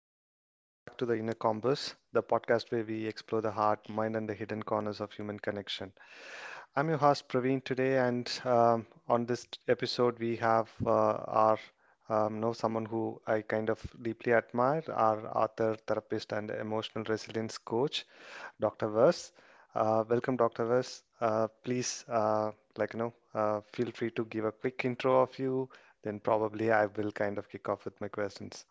Hello and welcome back to the Inner Compass, the podcast where we explore the heart, mind, and the hidden corners of human connection. I'm your host Praveen today, and on this episode we have our know someone who I kind of deeply admire, our author, therapist, and emotional resilience coach, Dr. Vers. Welcome, Dr. Vers. Please, feel free to give a quick intro of you. Then probably I will kind of kick off with my questions.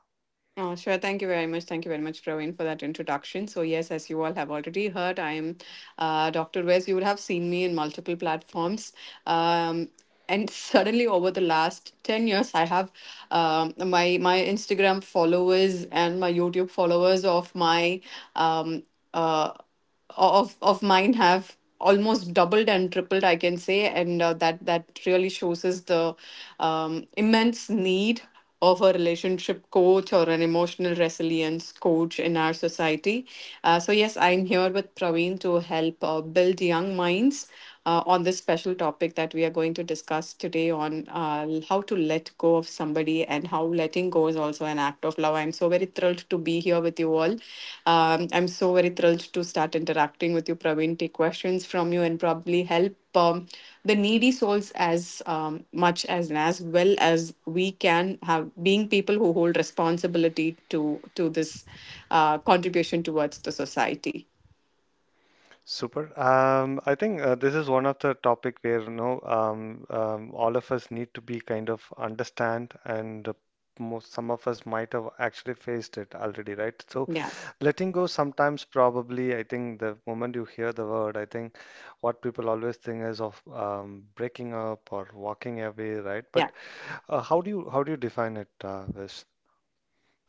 Oh, sure. Thank you very much. Thank you very much, Praveen, for that introduction. So, yes, as you all have already heard, I am Dr. Wes. You would have seen me in multiple platforms. Um, and suddenly, over the last 10 years, I have my Instagram followers and my YouTube followers of my um, uh, of mine have almost doubled and tripled, I can say. And that really shows us the immense need of a relationship coach or an emotional resilience coach in our society. So yes, I'm here with Praveen to help build young minds on this special topic that we are going to discuss today, on how to let go of somebody and how letting go is also an act of love. I'm so very thrilled to be here with you all. I'm so very thrilled to start interacting with you, Praveen, take questions from you, and probably help the needy souls as much as and as well as we can, have being people who hold responsibility to this contribution towards the society. Super. I think this is one of the topic where all of us need to be kind of understand, and most some of us might have actually faced it already, right? So Yeah, letting go sometimes probably I think the moment you hear the word, I think what people always think is of breaking up or walking away, right? yeah. But how do you define it, Vish?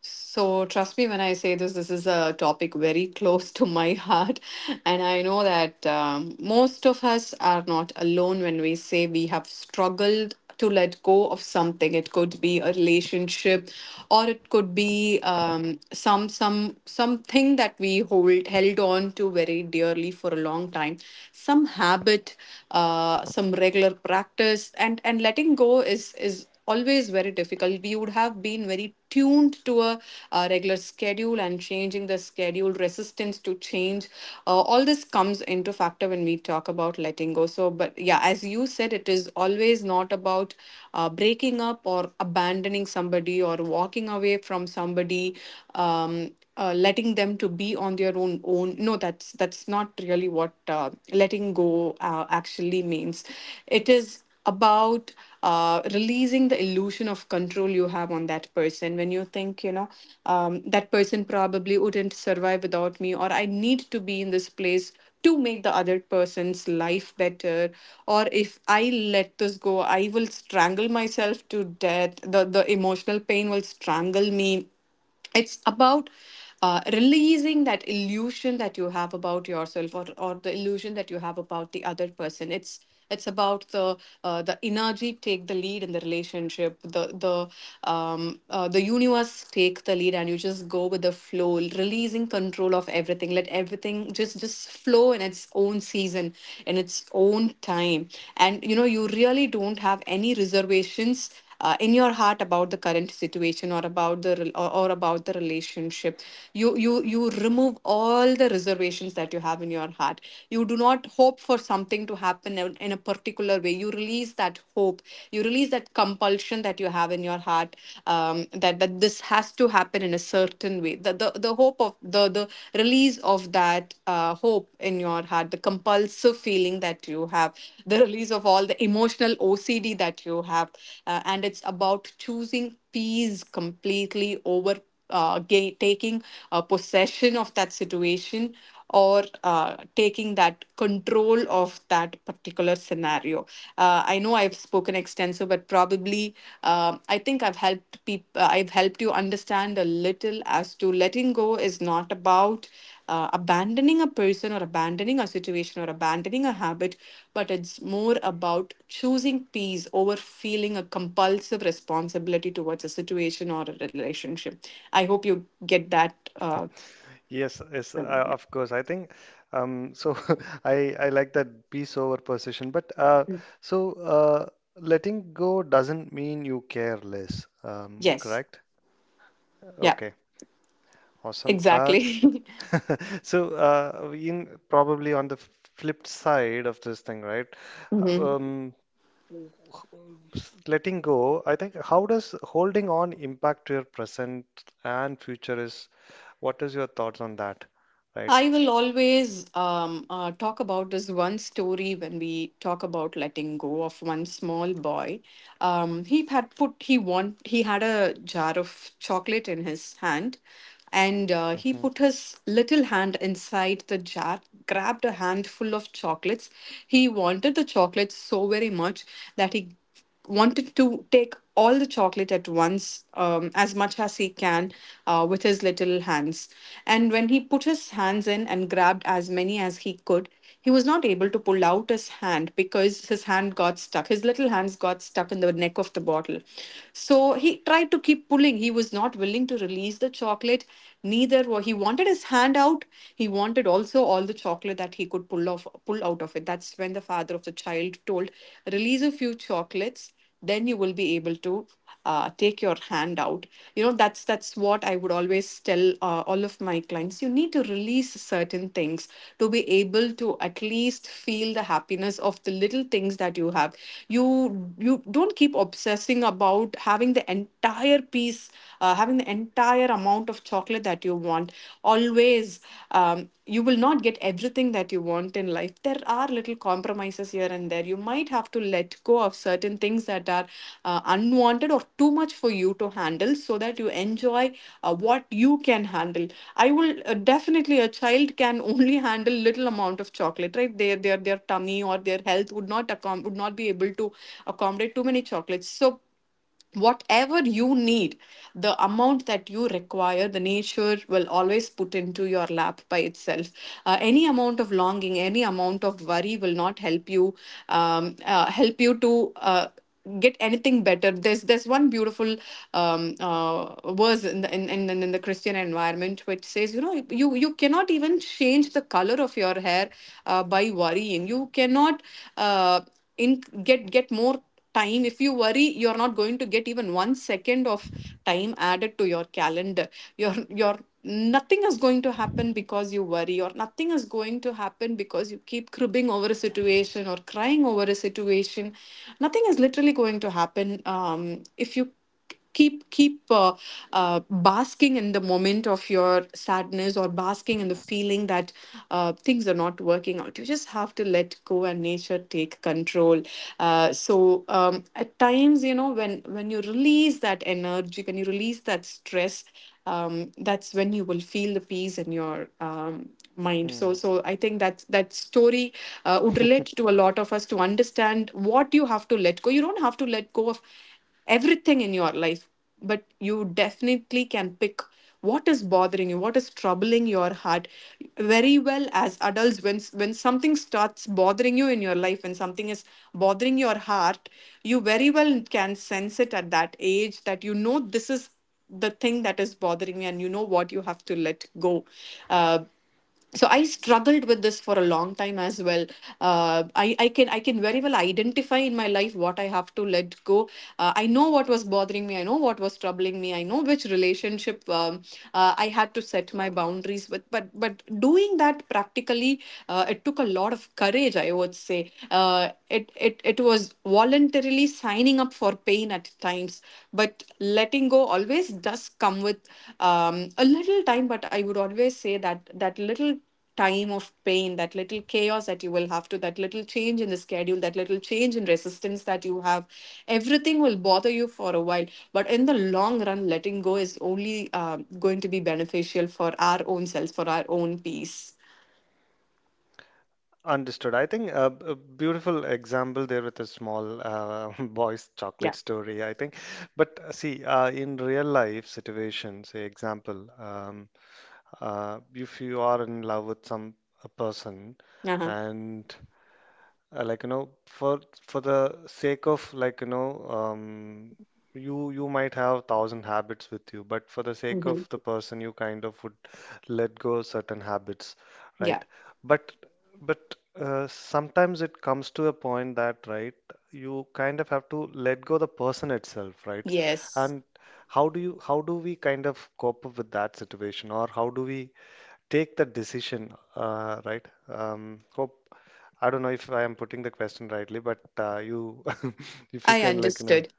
So, trust me when I say this, this is a topic very close to my heart. And I know that most of us are not alone when we say we have struggled to let go of something. It could be a relationship, or it could be something that we hold held on to very dearly for a long time. Some habit, some regular practice. And letting go is always very difficult. We would have been very tuned to a regular schedule, and changing the schedule, resistance to change, all this comes into factor when we talk about letting go. So but yeah, as you said, it is always not about breaking up or abandoning somebody or walking away from somebody, um, letting them to be on their own. No, that's not really what letting go actually means. It is about releasing the illusion of control you have on that person, when you think, you know, that person probably wouldn't survive without me, or I need to be in this place to make the other person's life better, or if I let this go, I will strangle myself to death, the emotional pain will strangle me. It's about releasing that illusion that you have about yourself, or the illusion that you have about the other person. It's about the energy take the lead in the relationship, the the universe take the lead, and you just go with the flow, releasing control of everything, let everything just flow in its own season, in its own time. And you know, you really don't have any reservations in your heart about the current situation, or about the or about the relationship. You remove all the reservations that you have in your heart. You do not hope for something to happen in a particular way. You release that hope, you release that compulsion that you have in your heart, that this has to happen in a certain way. The the hope of the release of that hope in your heart, the compulsive feeling that you have, the release of all the emotional OCD that you have. And it's about choosing peace completely over taking possession of that situation, or taking that control of that particular scenario. I know I've spoken extensive, but probably I think I've helped people. I've helped you understand a little as to letting go is not about abandoning a person, or abandoning a situation, or abandoning a habit, but it's more about choosing peace over feeling a compulsive responsibility towards a situation or a relationship. I hope you get that. Yes, yes, Yeah. of course. I think um, so. I like that peace over precision, but Mm. so uh, letting go doesn't mean you care less, Yes. correct? Yeah, Okay, awesome. Exactly. so in probably on the flipped side of this thing, right? Uh, Mhm. Um, letting go. I think how does holding on impact your present and future? Is what is your thoughts on that, right? I will always talk about this one story when we talk about letting go, of one small boy. He had put he want he had a jar of chocolate in his hand, and he Hmm. put his little hand inside the jar, grabbed a handful of chocolates. He wanted the chocolates so very much that he wanted to take all the chocolate at once, as much as he can, with his little hands. And when he put his hands in and grabbed as many as he could, he was not able to pull out his hand because his hand got stuck. His little hands got stuck in the neck of the bottle. So he tried to keep pulling. He was not willing to release the chocolate. Neither were he wanted his hand out. He wanted also all the chocolate that he could pull out of it. That's when the father of the child told, "Release a few chocolates, then you will be able to take your hand out." You know, that's what I would always tell all of my clients. You need to release certain things to be able to at least feel the happiness of the little things that you have. You you don't keep obsessing, thinking about having the entire piece, having the entire amount of chocolate that you want. Always, um, you will not get everything that you want in life. There are little compromises here and there. You might have to let go of certain things that are unwanted or too much for you to handle, so that you enjoy what you can handle. I will, definitely, a child can only handle little amount of chocolate, right? Their tummy or their health would not accom- would not be able to accommodate too many chocolates. So whatever you need, the amount that you require, the nature will always put into your lap by itself. Any amount of longing, any amount of worry will not help you, help you to get anything better. There's one beautiful um uh, verse in the in the Christian environment, which says, you know, you cannot even change the color of your hair by worrying. You cannot uh in get more time. If you worry, you're not going to get even one second of time added to your calendar. Your your Nothing is going to happen because you worry, or nothing is going to happen because you keep cribbing over a situation, or crying over a situation. Nothing is literally going to happen, if you keep keep basking in the moment of your sadness, or basking in the feeling that things are not working out. You just have to let go and nature take control. Um, at times, you know, when you release that energy, when you release that stress, that's when you will feel the peace in your mind. Hmm. I think that that story would relate to a lot of us, to understand what you have to let go. You don't have to let go of everything in your life, but you definitely can pick what is bothering you, what is troubling your heart. Very well as adults, when something starts bothering you in your life, when something is bothering your heart, you very well can sense it at that age, that you know this is the thing that is bothering me, and you know what you have to let go. uh, so I struggled with this for a long time as well. I can, very well identify in my life what I have to let go. I know what was bothering me, I know what was troubling me, I know which relationship, I had to set my boundaries with. But doing that practically, it took a lot of courage, I would say. It was voluntarily signing up for pain at times. But letting go always does come with um, a little time. But I would always say that that little time of pain, that little chaos that you will have to, that little change in the schedule, that little change in resistance that you have, everything will bother you for a while, but in the long run, letting go is only uh, going to be beneficial for our own selves, for our own peace. Understood. I think a beautiful example there with a small boy's chocolate story, I think. But see, in real life situation, say example, if you are in love with some a person Yeah, uh-huh. and uh, like you know for for the sake of um, you you might have thousand habits with you, but for the sake Hmm. of the person you kind of would let go certain habits, Yeah. right? But sometimes it comes to a point that, right, you kind of have to let go the person itself, right? Yes. And how do you how do we kind of cope up with that situation, or how do we take the decision, right? Hope I don't know if I am putting the question rightly, but you, if you I can, like, you know, understood.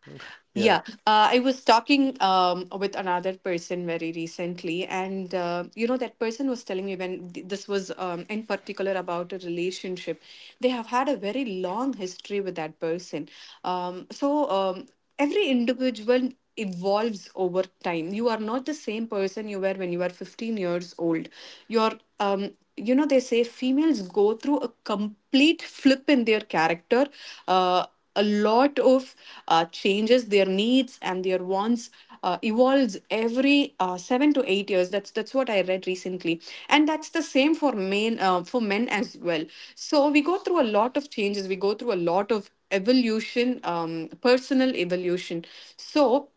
yeah. Yeah, I was talking with another person very recently, and you know, that person was telling me when this was in particular about a relationship. They have had a very long history with that person. Um, so, um, every individual evolves over time. You are not the same person you were when you were 15 years old. You're, they say females go through a complete flip in their character. Uh, a lot of changes their needs and their wants evolves every 7 to 8 years. That's what I read recently, and that's the same for men, for men as well. So we go through a lot of changes, we go through a lot of evolution, personal evolution. So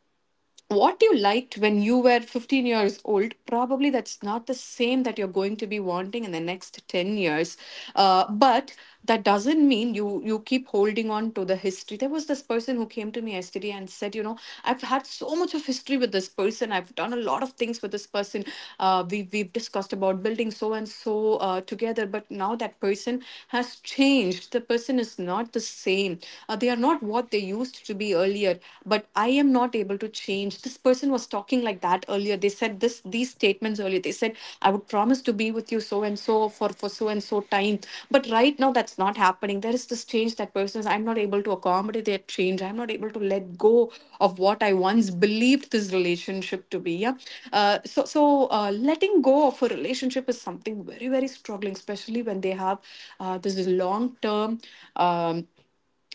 what you liked when you were 15 years old, probably that's not the same that you're going to be wanting in the next 10 years. But that doesn't mean you keep holding on to the history. There was this person who came to me yesterday and said, you know, I've had so much of history with this person, I've done a lot of things with this person. We've discussed about building so and so together, but now that person has changed. The person is not the same. They are not what they used to be earlier, but I am not able to change. This person was talking like that earlier. They said this, these statements earlier. They said, I would promise to be with you so and so for so and so time. But right now that's not happening. There is this change. That person is, I'm not able to accommodate their change. I'm not able to let go of what I once believed this relationship to be. Yeah. So letting go of a relationship is something very, very struggling, especially when they have this long term um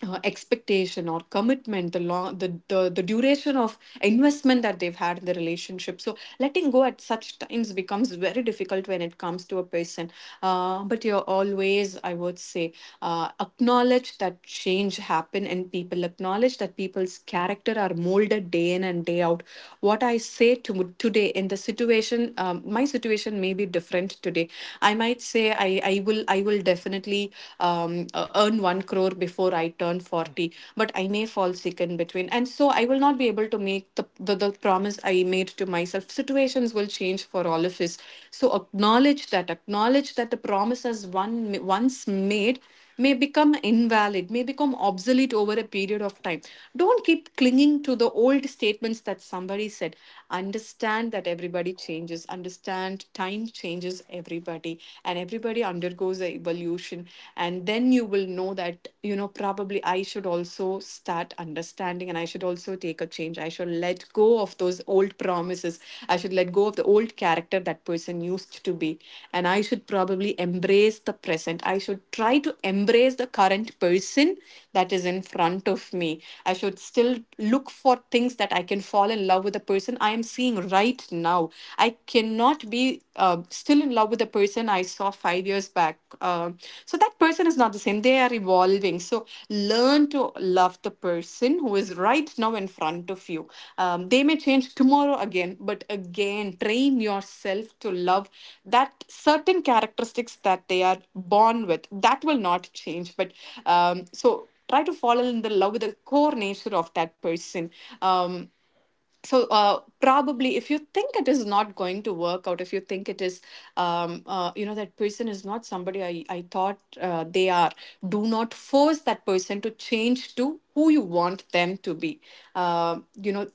expectation or commitment. The long the duration of investment that they've had in the relationship, so letting go at such times becomes very difficult when it comes to a person. But you're always, I would say, acknowledge that change happen and people acknowledge that people's character are molded day in and day out. What I say to today in the situation, my situation may be different today. I might say, I will definitely, definitely earn 1 crore before I turn 40, but I may fall sick in between. And so I will not be able to make the promise I made to myself. Situations will change for all of us. So acknowledge that the promises one once made may become invalid, may become obsolete over a period of time. Don't keep clinging to the old statements that somebody said. Understand that everybody changes, understand time changes everybody, and everybody undergoes a evolution. And then you will know that, you know, probably I should also start understanding and I should also take a change. I should let go of those old promises. I should let go of the old character that person used to be. And I should probably embrace the present. I should try to embrace the current person that is in front of me. I should still look for things that I can fall in love with, the person I am seeing right now. I cannot be still in love with the person I saw 5 years back. So that person is not the same. They are evolving. So learn to love the person who is right now in front of you. They may change tomorrow again, but again, train yourself to love that certain characteristics that they are born with. That will not change. But try to fall in the love with the core nature of that person. Um, Probably if you think it is not going to work out, if you think it is you know, that person is not somebody I thought they are, do not force that person to change to who you want them to be. You know,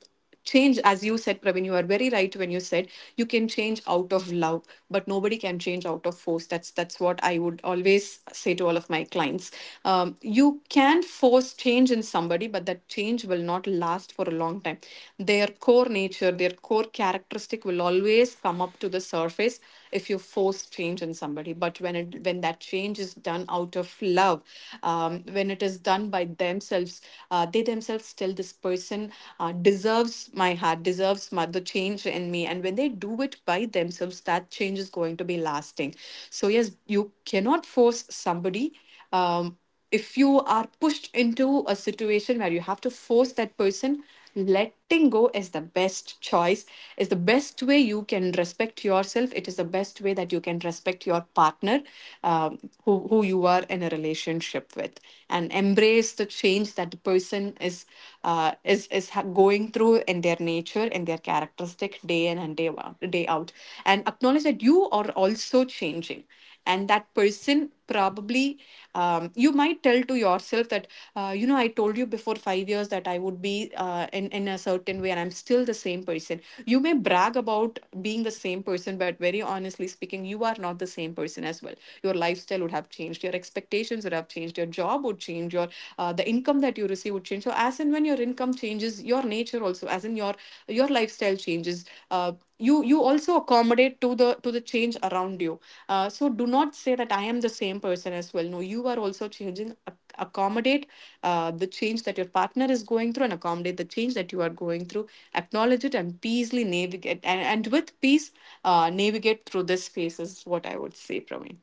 change, as you said, Pravin, you are very right when you said you can change out of love, but nobody can change out of force. That's what I would always say to all of my clients. You can force change in somebody, but that change will not last for a long time. Their core nature, their core characteristic will always come up to the surface if you force change in somebody. But when it when that change is done out of love, when it is done by themselves, they themselves tell, this person deserves my heart, deserves the change in me. And when they do it by themselves, that change is going to be lasting. So yes, you cannot force somebody. Um, if you are pushed into a situation where you have to force that person, letting go is the best choice, is the best way you can respect yourself. It is the best way that you can respect your partner, um, who you are in a relationship with, and embrace the change that the person is, going through in their nature and their characteristic day in and day out, day out. And acknowledge that you are also changing, and that person probably, you might tell to yourself that, you know, I told you before 5 years that I would be, in a certain way, and I'm still the same person. You may brag about being the same person, but very honestly speaking, you are not the same person as well. Your lifestyle would have changed, your expectations would have changed, your job would change, your the income that you receive would change. So as and when your income changes, your nature also, as in your lifestyle changes. Uh, you you also accommodate to the change around you. So do not say that I am the same person as well. No, you are also changing. Accommodate the change that your partner is going through, and accommodate the change that you are going through. Acknowledge it and peacefully navigate, and with peace, navigate through this phase, is what I would say, Praveen.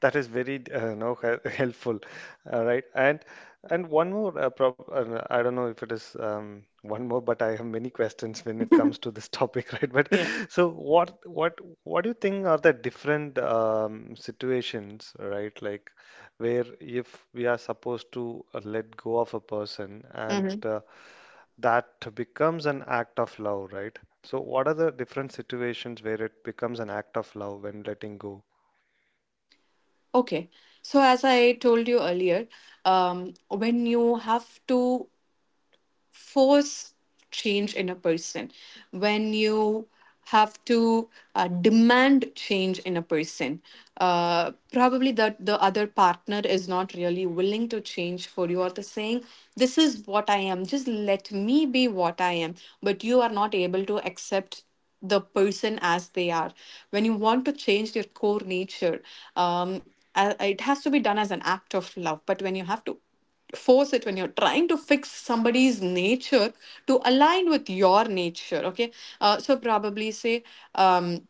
That is very no hel- helpful, all right. And one more, prob I don't know if it is one more, but I have many questions when it comes to this topic, right? But Yeah. so what do you think are the different situations, right? Like where if we are supposed to let go of a person, and Mm-hmm. That becomes an act of love, right? So what are the different situations where it becomes an act of love when letting go? Okay. So as I told you earlier, um, when you have to force change in a person, when you have to demand change in a person, probably that the other partner is not really willing to change for you, or the saying, this is what I am, just let me be what I am, but you are not able to accept the person as they are. When you want to change your core nature, it has to be done as an act of love, but when you have to force it, when you're trying to fix somebody's nature to align with your nature. Okay. So probably say, um,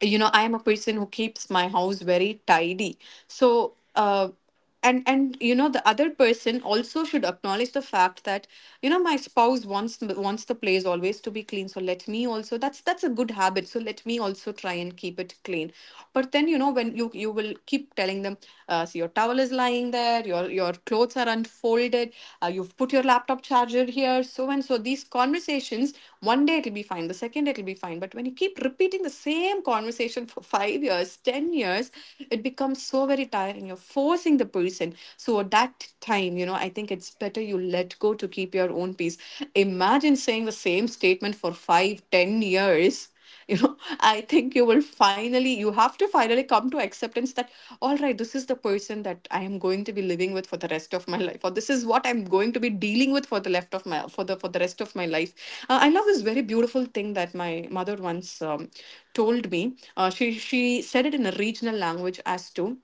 you know, I am a person who keeps my house very tidy. So uh, and and you know, the other person also should acknowledge the fact that, you know, my spouse wants the place always to be clean, so let me also, that's a good habit, so let me also try and keep it clean. But then, you know, when you will keep telling them, see, your towel is lying there, your clothes are unfolded, you've put your laptop charger here, so and so. These conversations, one day it'll be fine, the second day it'll be fine. But when you keep repeating the same conversation for 5 years, 10 years, it becomes so very tiring. You're forcing the person. So at that time, you know, I think it's better you let go to keep your own peace. Imagine saying the same statement for five, 10 years, you know. I think you will finally, you have to finally come to acceptance that, all right, this is the person that I am going to be living with for the rest of my life, or this is what I'm going to be dealing with for the left of my, for the, for the rest of my life. I love this very beautiful thing that my mother once, told me. She said it in a regional language, as to,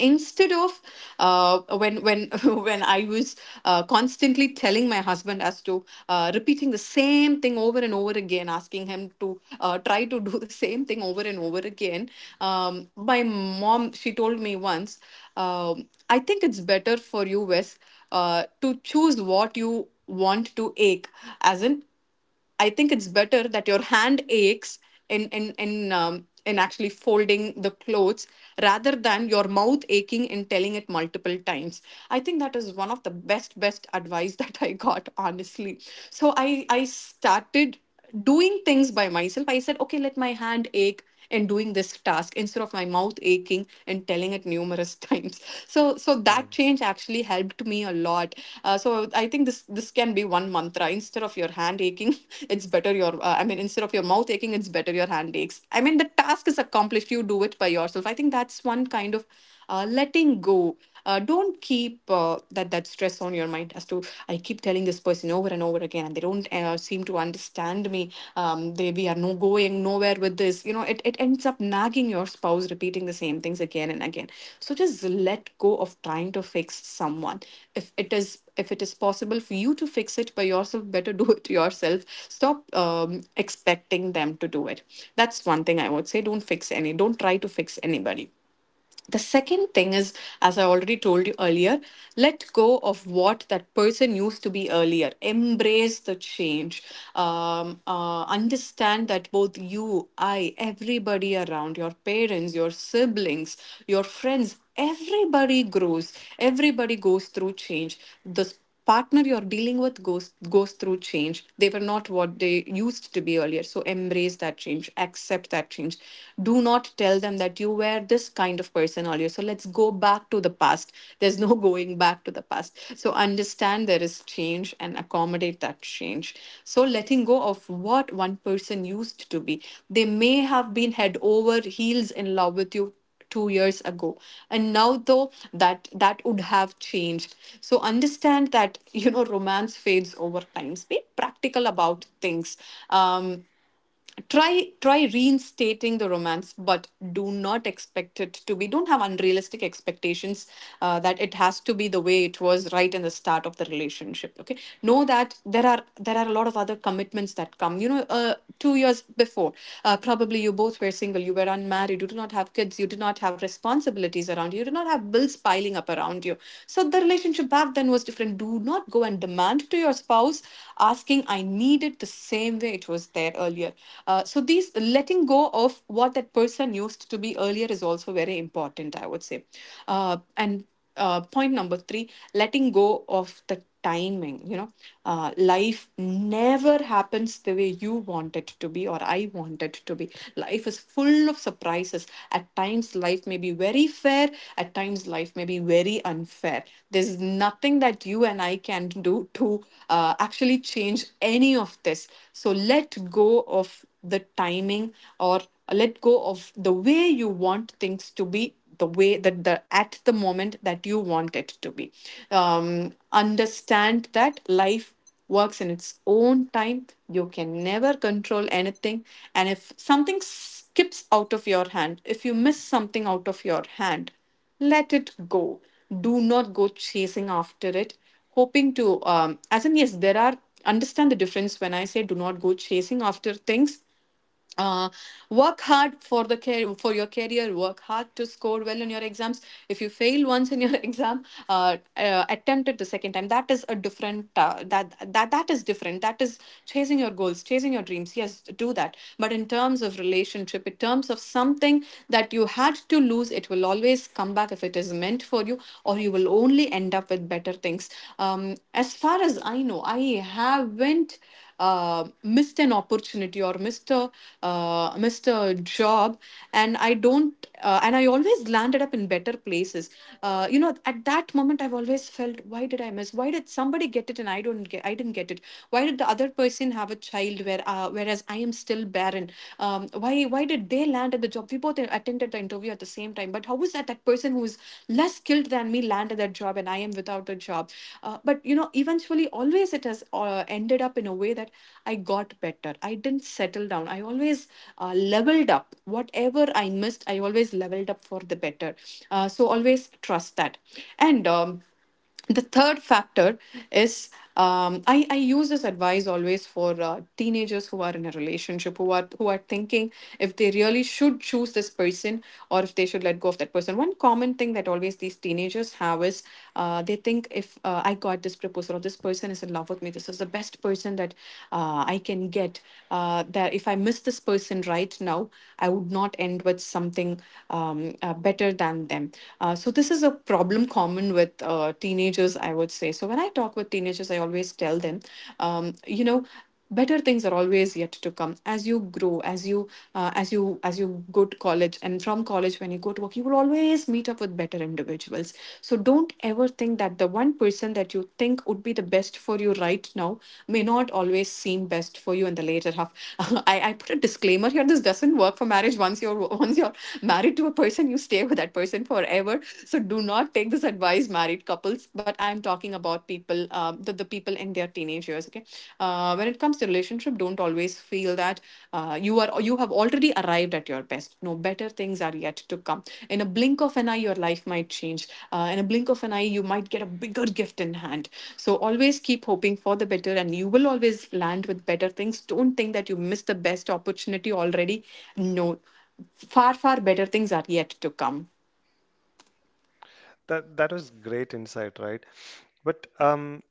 instead of, when when I was constantly telling my husband as to, repeating the same thing over and over again, asking him to try to do the same thing over and over again, my mom, she told me once, I think it's better for you, Wes, to choose what you want to ache. As in, I think it's better that your hand aches in actually folding the clothes, rather than your mouth aching and telling it multiple times. I think that is one of the best advice that I got, honestly. So I started doing things by myself. I said, okay, let my hand ache in doing this task instead of my mouth aching and telling it numerous times. So that Hmm. change actually helped me a lot. So I think this can be one mantra. Instead of your hand aching it's better your instead of your mouth aching, it's better your hand aches. I mean, the task is accomplished, you do it by yourself. I think that's one kind of letting go. Don't keep that stress on your mind as to, I keep telling this person over and over again and they don't seem to understand me. They, we are no going nowhere with this, you know, it ends up nagging your spouse, repeating the same things again and again. So just let go of trying to fix someone. If it is, if it is possible for you to fix it by yourself, better do it yourself. Stop expecting them to do it. That's one thing I would say, don't fix any, don't try to fix anybody. The second thing is, as I already told you earlier, let go of what that person used to be earlier. Embrace the change. Understand that both you, I, everybody around, your parents, your siblings, your friends, everybody grows. Everybody goes through change. The partner you're dealing with goes through change. They were not what they used to be earlier, so embrace that change, accept that change. Do not tell them that you were this kind of person earlier, so let's go back to the past. There's no going back to the past, so understand there is change and accommodate that change. So letting go of what one person used to be, they may have been head over heels in love with you 2 years ago. And now, though, that would have changed. So understand that, you know, romance fades over time, be practical about things. um, try reinstating the romance, but do not expect it to be, don't have unrealistic expectations that it has to be the way it was right in the start of the relationship, okay? Know that there are a lot of other commitments that come, you know, 2 years before probably you both were single, you were unmarried, you did not have kids, you did not have responsibilities around you, you did not have bills piling up around you. So the relationship back then was different. Do not go and demand to your spouse, asking, I need it the same way it was there earlier. So these letting go of what that person used to be earlier is also very important, I would say. And point number three, letting go of the timing. You know, life never happens the way you want it to be or I want it to be. Life is full of surprises. At times, life may be very fair. At times, life may be very unfair. There's nothing that you and I can do to actually change any of this. So let go of the timing, or let go of the way you want things to be, the way that the at the moment that you want it to be. Understand that life works in its own time, you can never control anything. And if something skips out of your hand, if you miss something out of your hand, let it go. Do not go chasing after it, hoping to as in, yes, there are, understand the difference when I say do not go chasing after things. uh, Work hard for the care, for your career, work hard to score well in your exams. If you fail once in your exam, attempt it the second time. That is a different that is different. That is chasing your goals, chasing your dreams. Yes, do that. But in terms of relationship, in terms of something that you had to lose, it will always come back if it is meant for you, or you will only end up with better things. As far as I know, I haven't missed an opportunity or missed a missed a job, and I don't and I always landed up in better places. You know, at that moment, I've always felt, why did I miss? Why did somebody get it and I don't get? I didn't get it. Why did the other person have a child where whereas I am still barren? Why did they land at the job? We both attended the interview at the same time, but how was that person who is less skilled than me landed that job and I am? I am without a job. But you know, eventually, always it has ended up in a way that I got better. I didn't settle down. I always leveled up. Whatever I missed, I always leveled up for the better. So always trust that. And the third factor is I use this advice always for teenagers who are in a relationship, who are thinking if they really should choose this person, or if they should let go of that person. One common thing that always these teenagers have is they think if I got this proposal or this person is in love with me, this is the best person that I can get. That if I miss this person right now, I would not end with something better than them. So this is a problem in common with teenagers, I would say. So when I talk with teenagers, I always tell them, you know, better things are always yet to come. As you grow, as you as you go to college, and from college when you go to work, you will always meet up with better individuals. So don't ever think that the one person that you think would be the best for you right now may not always seem best for you in the later half. I put a disclaimer here, this doesn't work for marriage. Once you're, once you're married to a person, you stay with that person forever. So do not take this advice, married couples. But I'm talking about people, the people in their teenage years, okay? When it comes to relationship, don't always feel that you are, you have already arrived at your best. No, better things are yet to come. In a blink of an eye your life might change. In a blink of an eye you might get a bigger gift in hand. So always keep hoping for the better and you will always land with better things. Don't think that you missed the best opportunity already. No, far far better things are yet to come. That that was great insight, right? But um,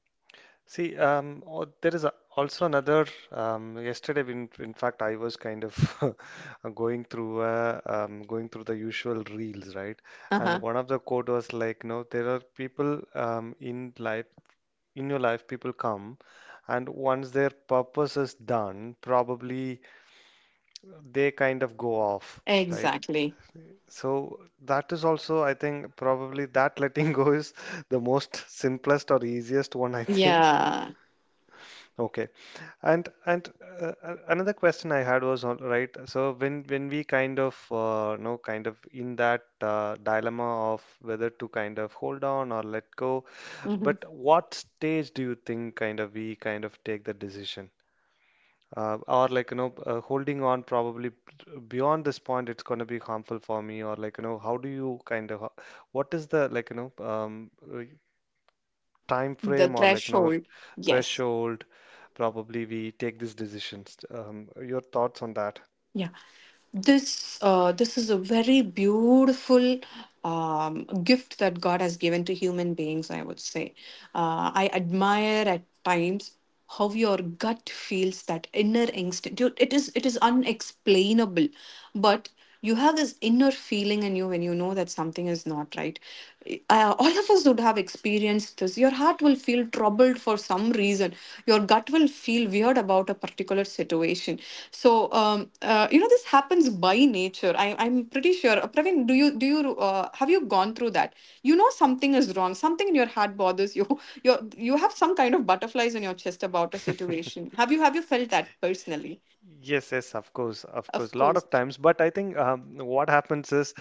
see, um, oh, there is a, also another. Yesterday, in fact, I was kind of going through the usual reels, right? Uh And huh. one of the quote was like, no, there are people in life, in your life, people come, and once their purpose is done, probably they kind of go off, right? Exactly. So that is also, I think, probably that letting go is the most simplest or easiest one, I think. Yeah. Okay. And another question I had was, all right, so when we kind of kind of in that dilemma of whether to kind of hold on or let go, Mhm. but what stage do you think kind of we kind of take the decision? Or holding on probably beyond this point it's going to be harmful for me, or how do you kind of, what is the uh, time The frame, or threshold. Yes. threshold probably we take these decisions, your thoughts on that. Yeah. This this is a very beautiful gift that God has given to human beings, I would say. I admire at times how your gut feels, that inner instinct. Dude, it is unexplainable, but you have this inner feeling in you when you know that something is not right? All of us would have experienced this. Your heart will feel troubled for some reason. Your gut will feel weird about a particular situation. So, you know, this happens by nature. I'm pretty sure. Praveen, do you have you gone through that? You know something is wrong. Something in your heart bothers you. You have some kind of butterflies in your chest about a situation. Have you felt that personally? Yes, yes, of Of course, lot course. of times. But I think what happens is,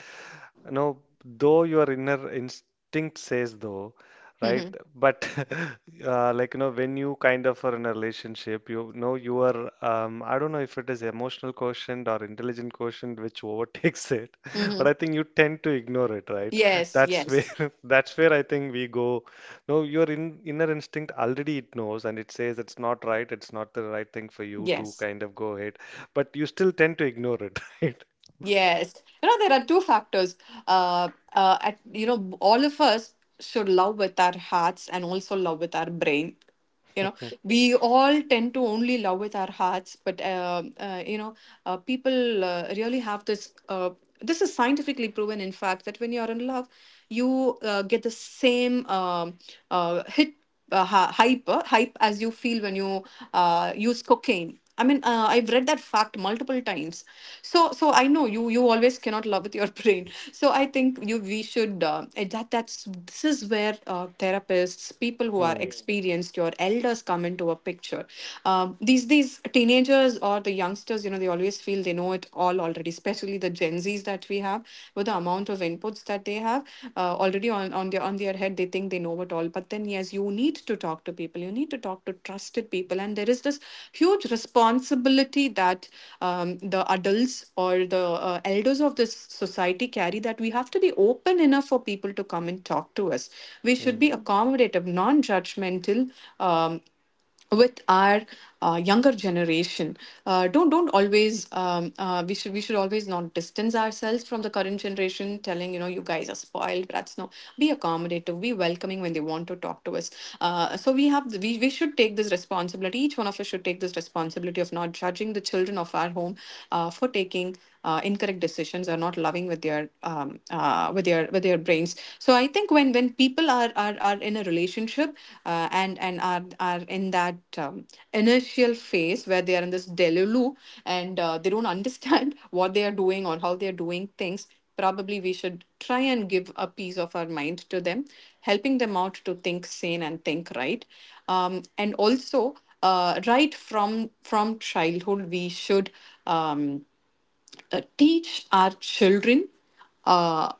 you know, though your inner instinct says though, right? Mm-hmm. But when you kind of are in a relationship, you know, you are. I don't know if it is emotional quotient or intelligent quotient which overtakes it, Mm-hmm. but I think you tend to ignore it, right? Yes. That's Yes. where that's where I think we go, no, your inner instinct already it knows and it says it's not right, it's not the right thing for you to Yes. kind of go ahead, but you still tend to ignore it, right? Yes. You know, there are two factors. You know, all of us should love with our hearts and also love with our brain. You know, Hmm. we all tend to only love with our hearts, but you know, people really have this. This is scientifically proven, in fact, that when you're in love, you get the same hit hype as you feel when you use cocaine. I mean, I've read that fact multiple times. So I know you, you always cannot love with your brain. So I think you we should eh, that that's this is where therapists, people who are Hmm. experienced, your elders come into a picture. These teenagers or the youngsters, you know, they always feel they know it all already. Especially the Gen Zs that we have, with the amount of inputs that they have already on their head, they think they know it all. But then yes, you need to talk to people, you need to talk to trusted people. And there is this huge responsibility that the adults or the elders of this society carry, that we have to be open enough for people to come and talk to us. We should Hmm. be accommodative, non-judgmental um, with our younger generation. Don't always we should always not distance ourselves from the current generation, telling, you know, you guys are spoiled brats. No, be accommodative, be welcoming when they want to talk to us. So we have, we should take this responsibility. Each one of us should take this responsibility of not judging the children of our home for taking incorrect decisions or not loving with their with their with their brains. So I think when people are in a relationship and are in that initial phase where they are in this delulu and they don't understand what they are doing or how they are doing things, probably we should try and give a piece of our mind to them, helping them out to think sane and think right. And also right from childhood, we should um, teach our children uh,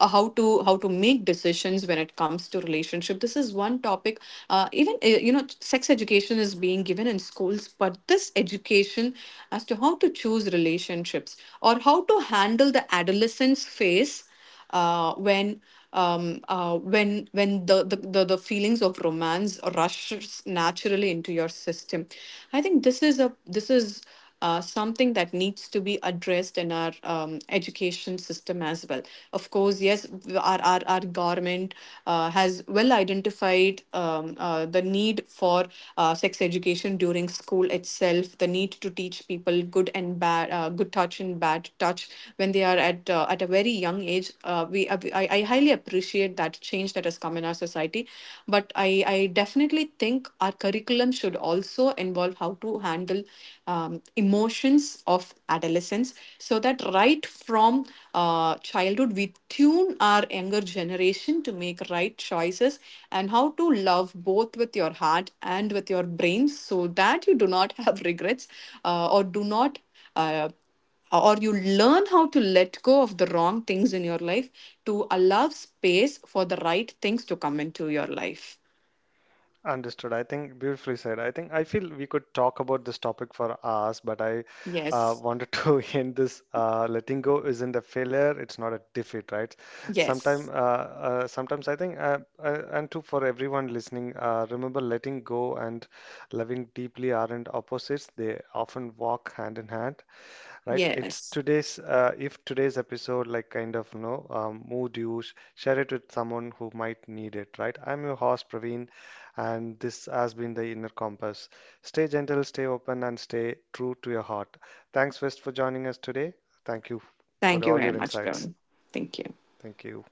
how to make decisions when it comes to relationship. This is one topic even you know, sex education is being given in schools, but this education as to how to choose relationships, or how to handle the adolescence phase when when the, the feelings of romance rushes naturally into your system. I think this is a this is something that needs to be addressed in our education system as well. Of course, yes, our government has well identified the need for sex education during school itself, the need to teach people good and bad, good touch and bad touch when they are at a very young age. We I highly appreciate that change that has come in our society, but I definitely think our curriculum should also involve how to handle emotions of adolescence, so that right from childhood we tune our younger generation to make right choices, and how to love both with your heart and with your brain, so that you do not have regrets or do not uh, or you learn how to let go of the wrong things in your life to allow space for the right things to come into your life. Understood. I think beautifully said. I think I feel we could talk about this topic for hours, but I Yes, wanted to end this. Letting go isn't a failure; it's not a defeat, right? yes, Sometimes I think, and to for everyone listening, remember letting go and loving deeply aren't opposites. They often walk hand in hand. Right. It's yes. today's, if today's episode, like, kind of, you know, moved you, share it with someone who might need it, right? I'm your host, Praveen, and this has been The Inner Compass. Stay gentle, stay open, and stay true to your heart. Thanks, West, for joining us today. Thank you for Thank you all very your much, insights. Pravin. Thank you. Thank you.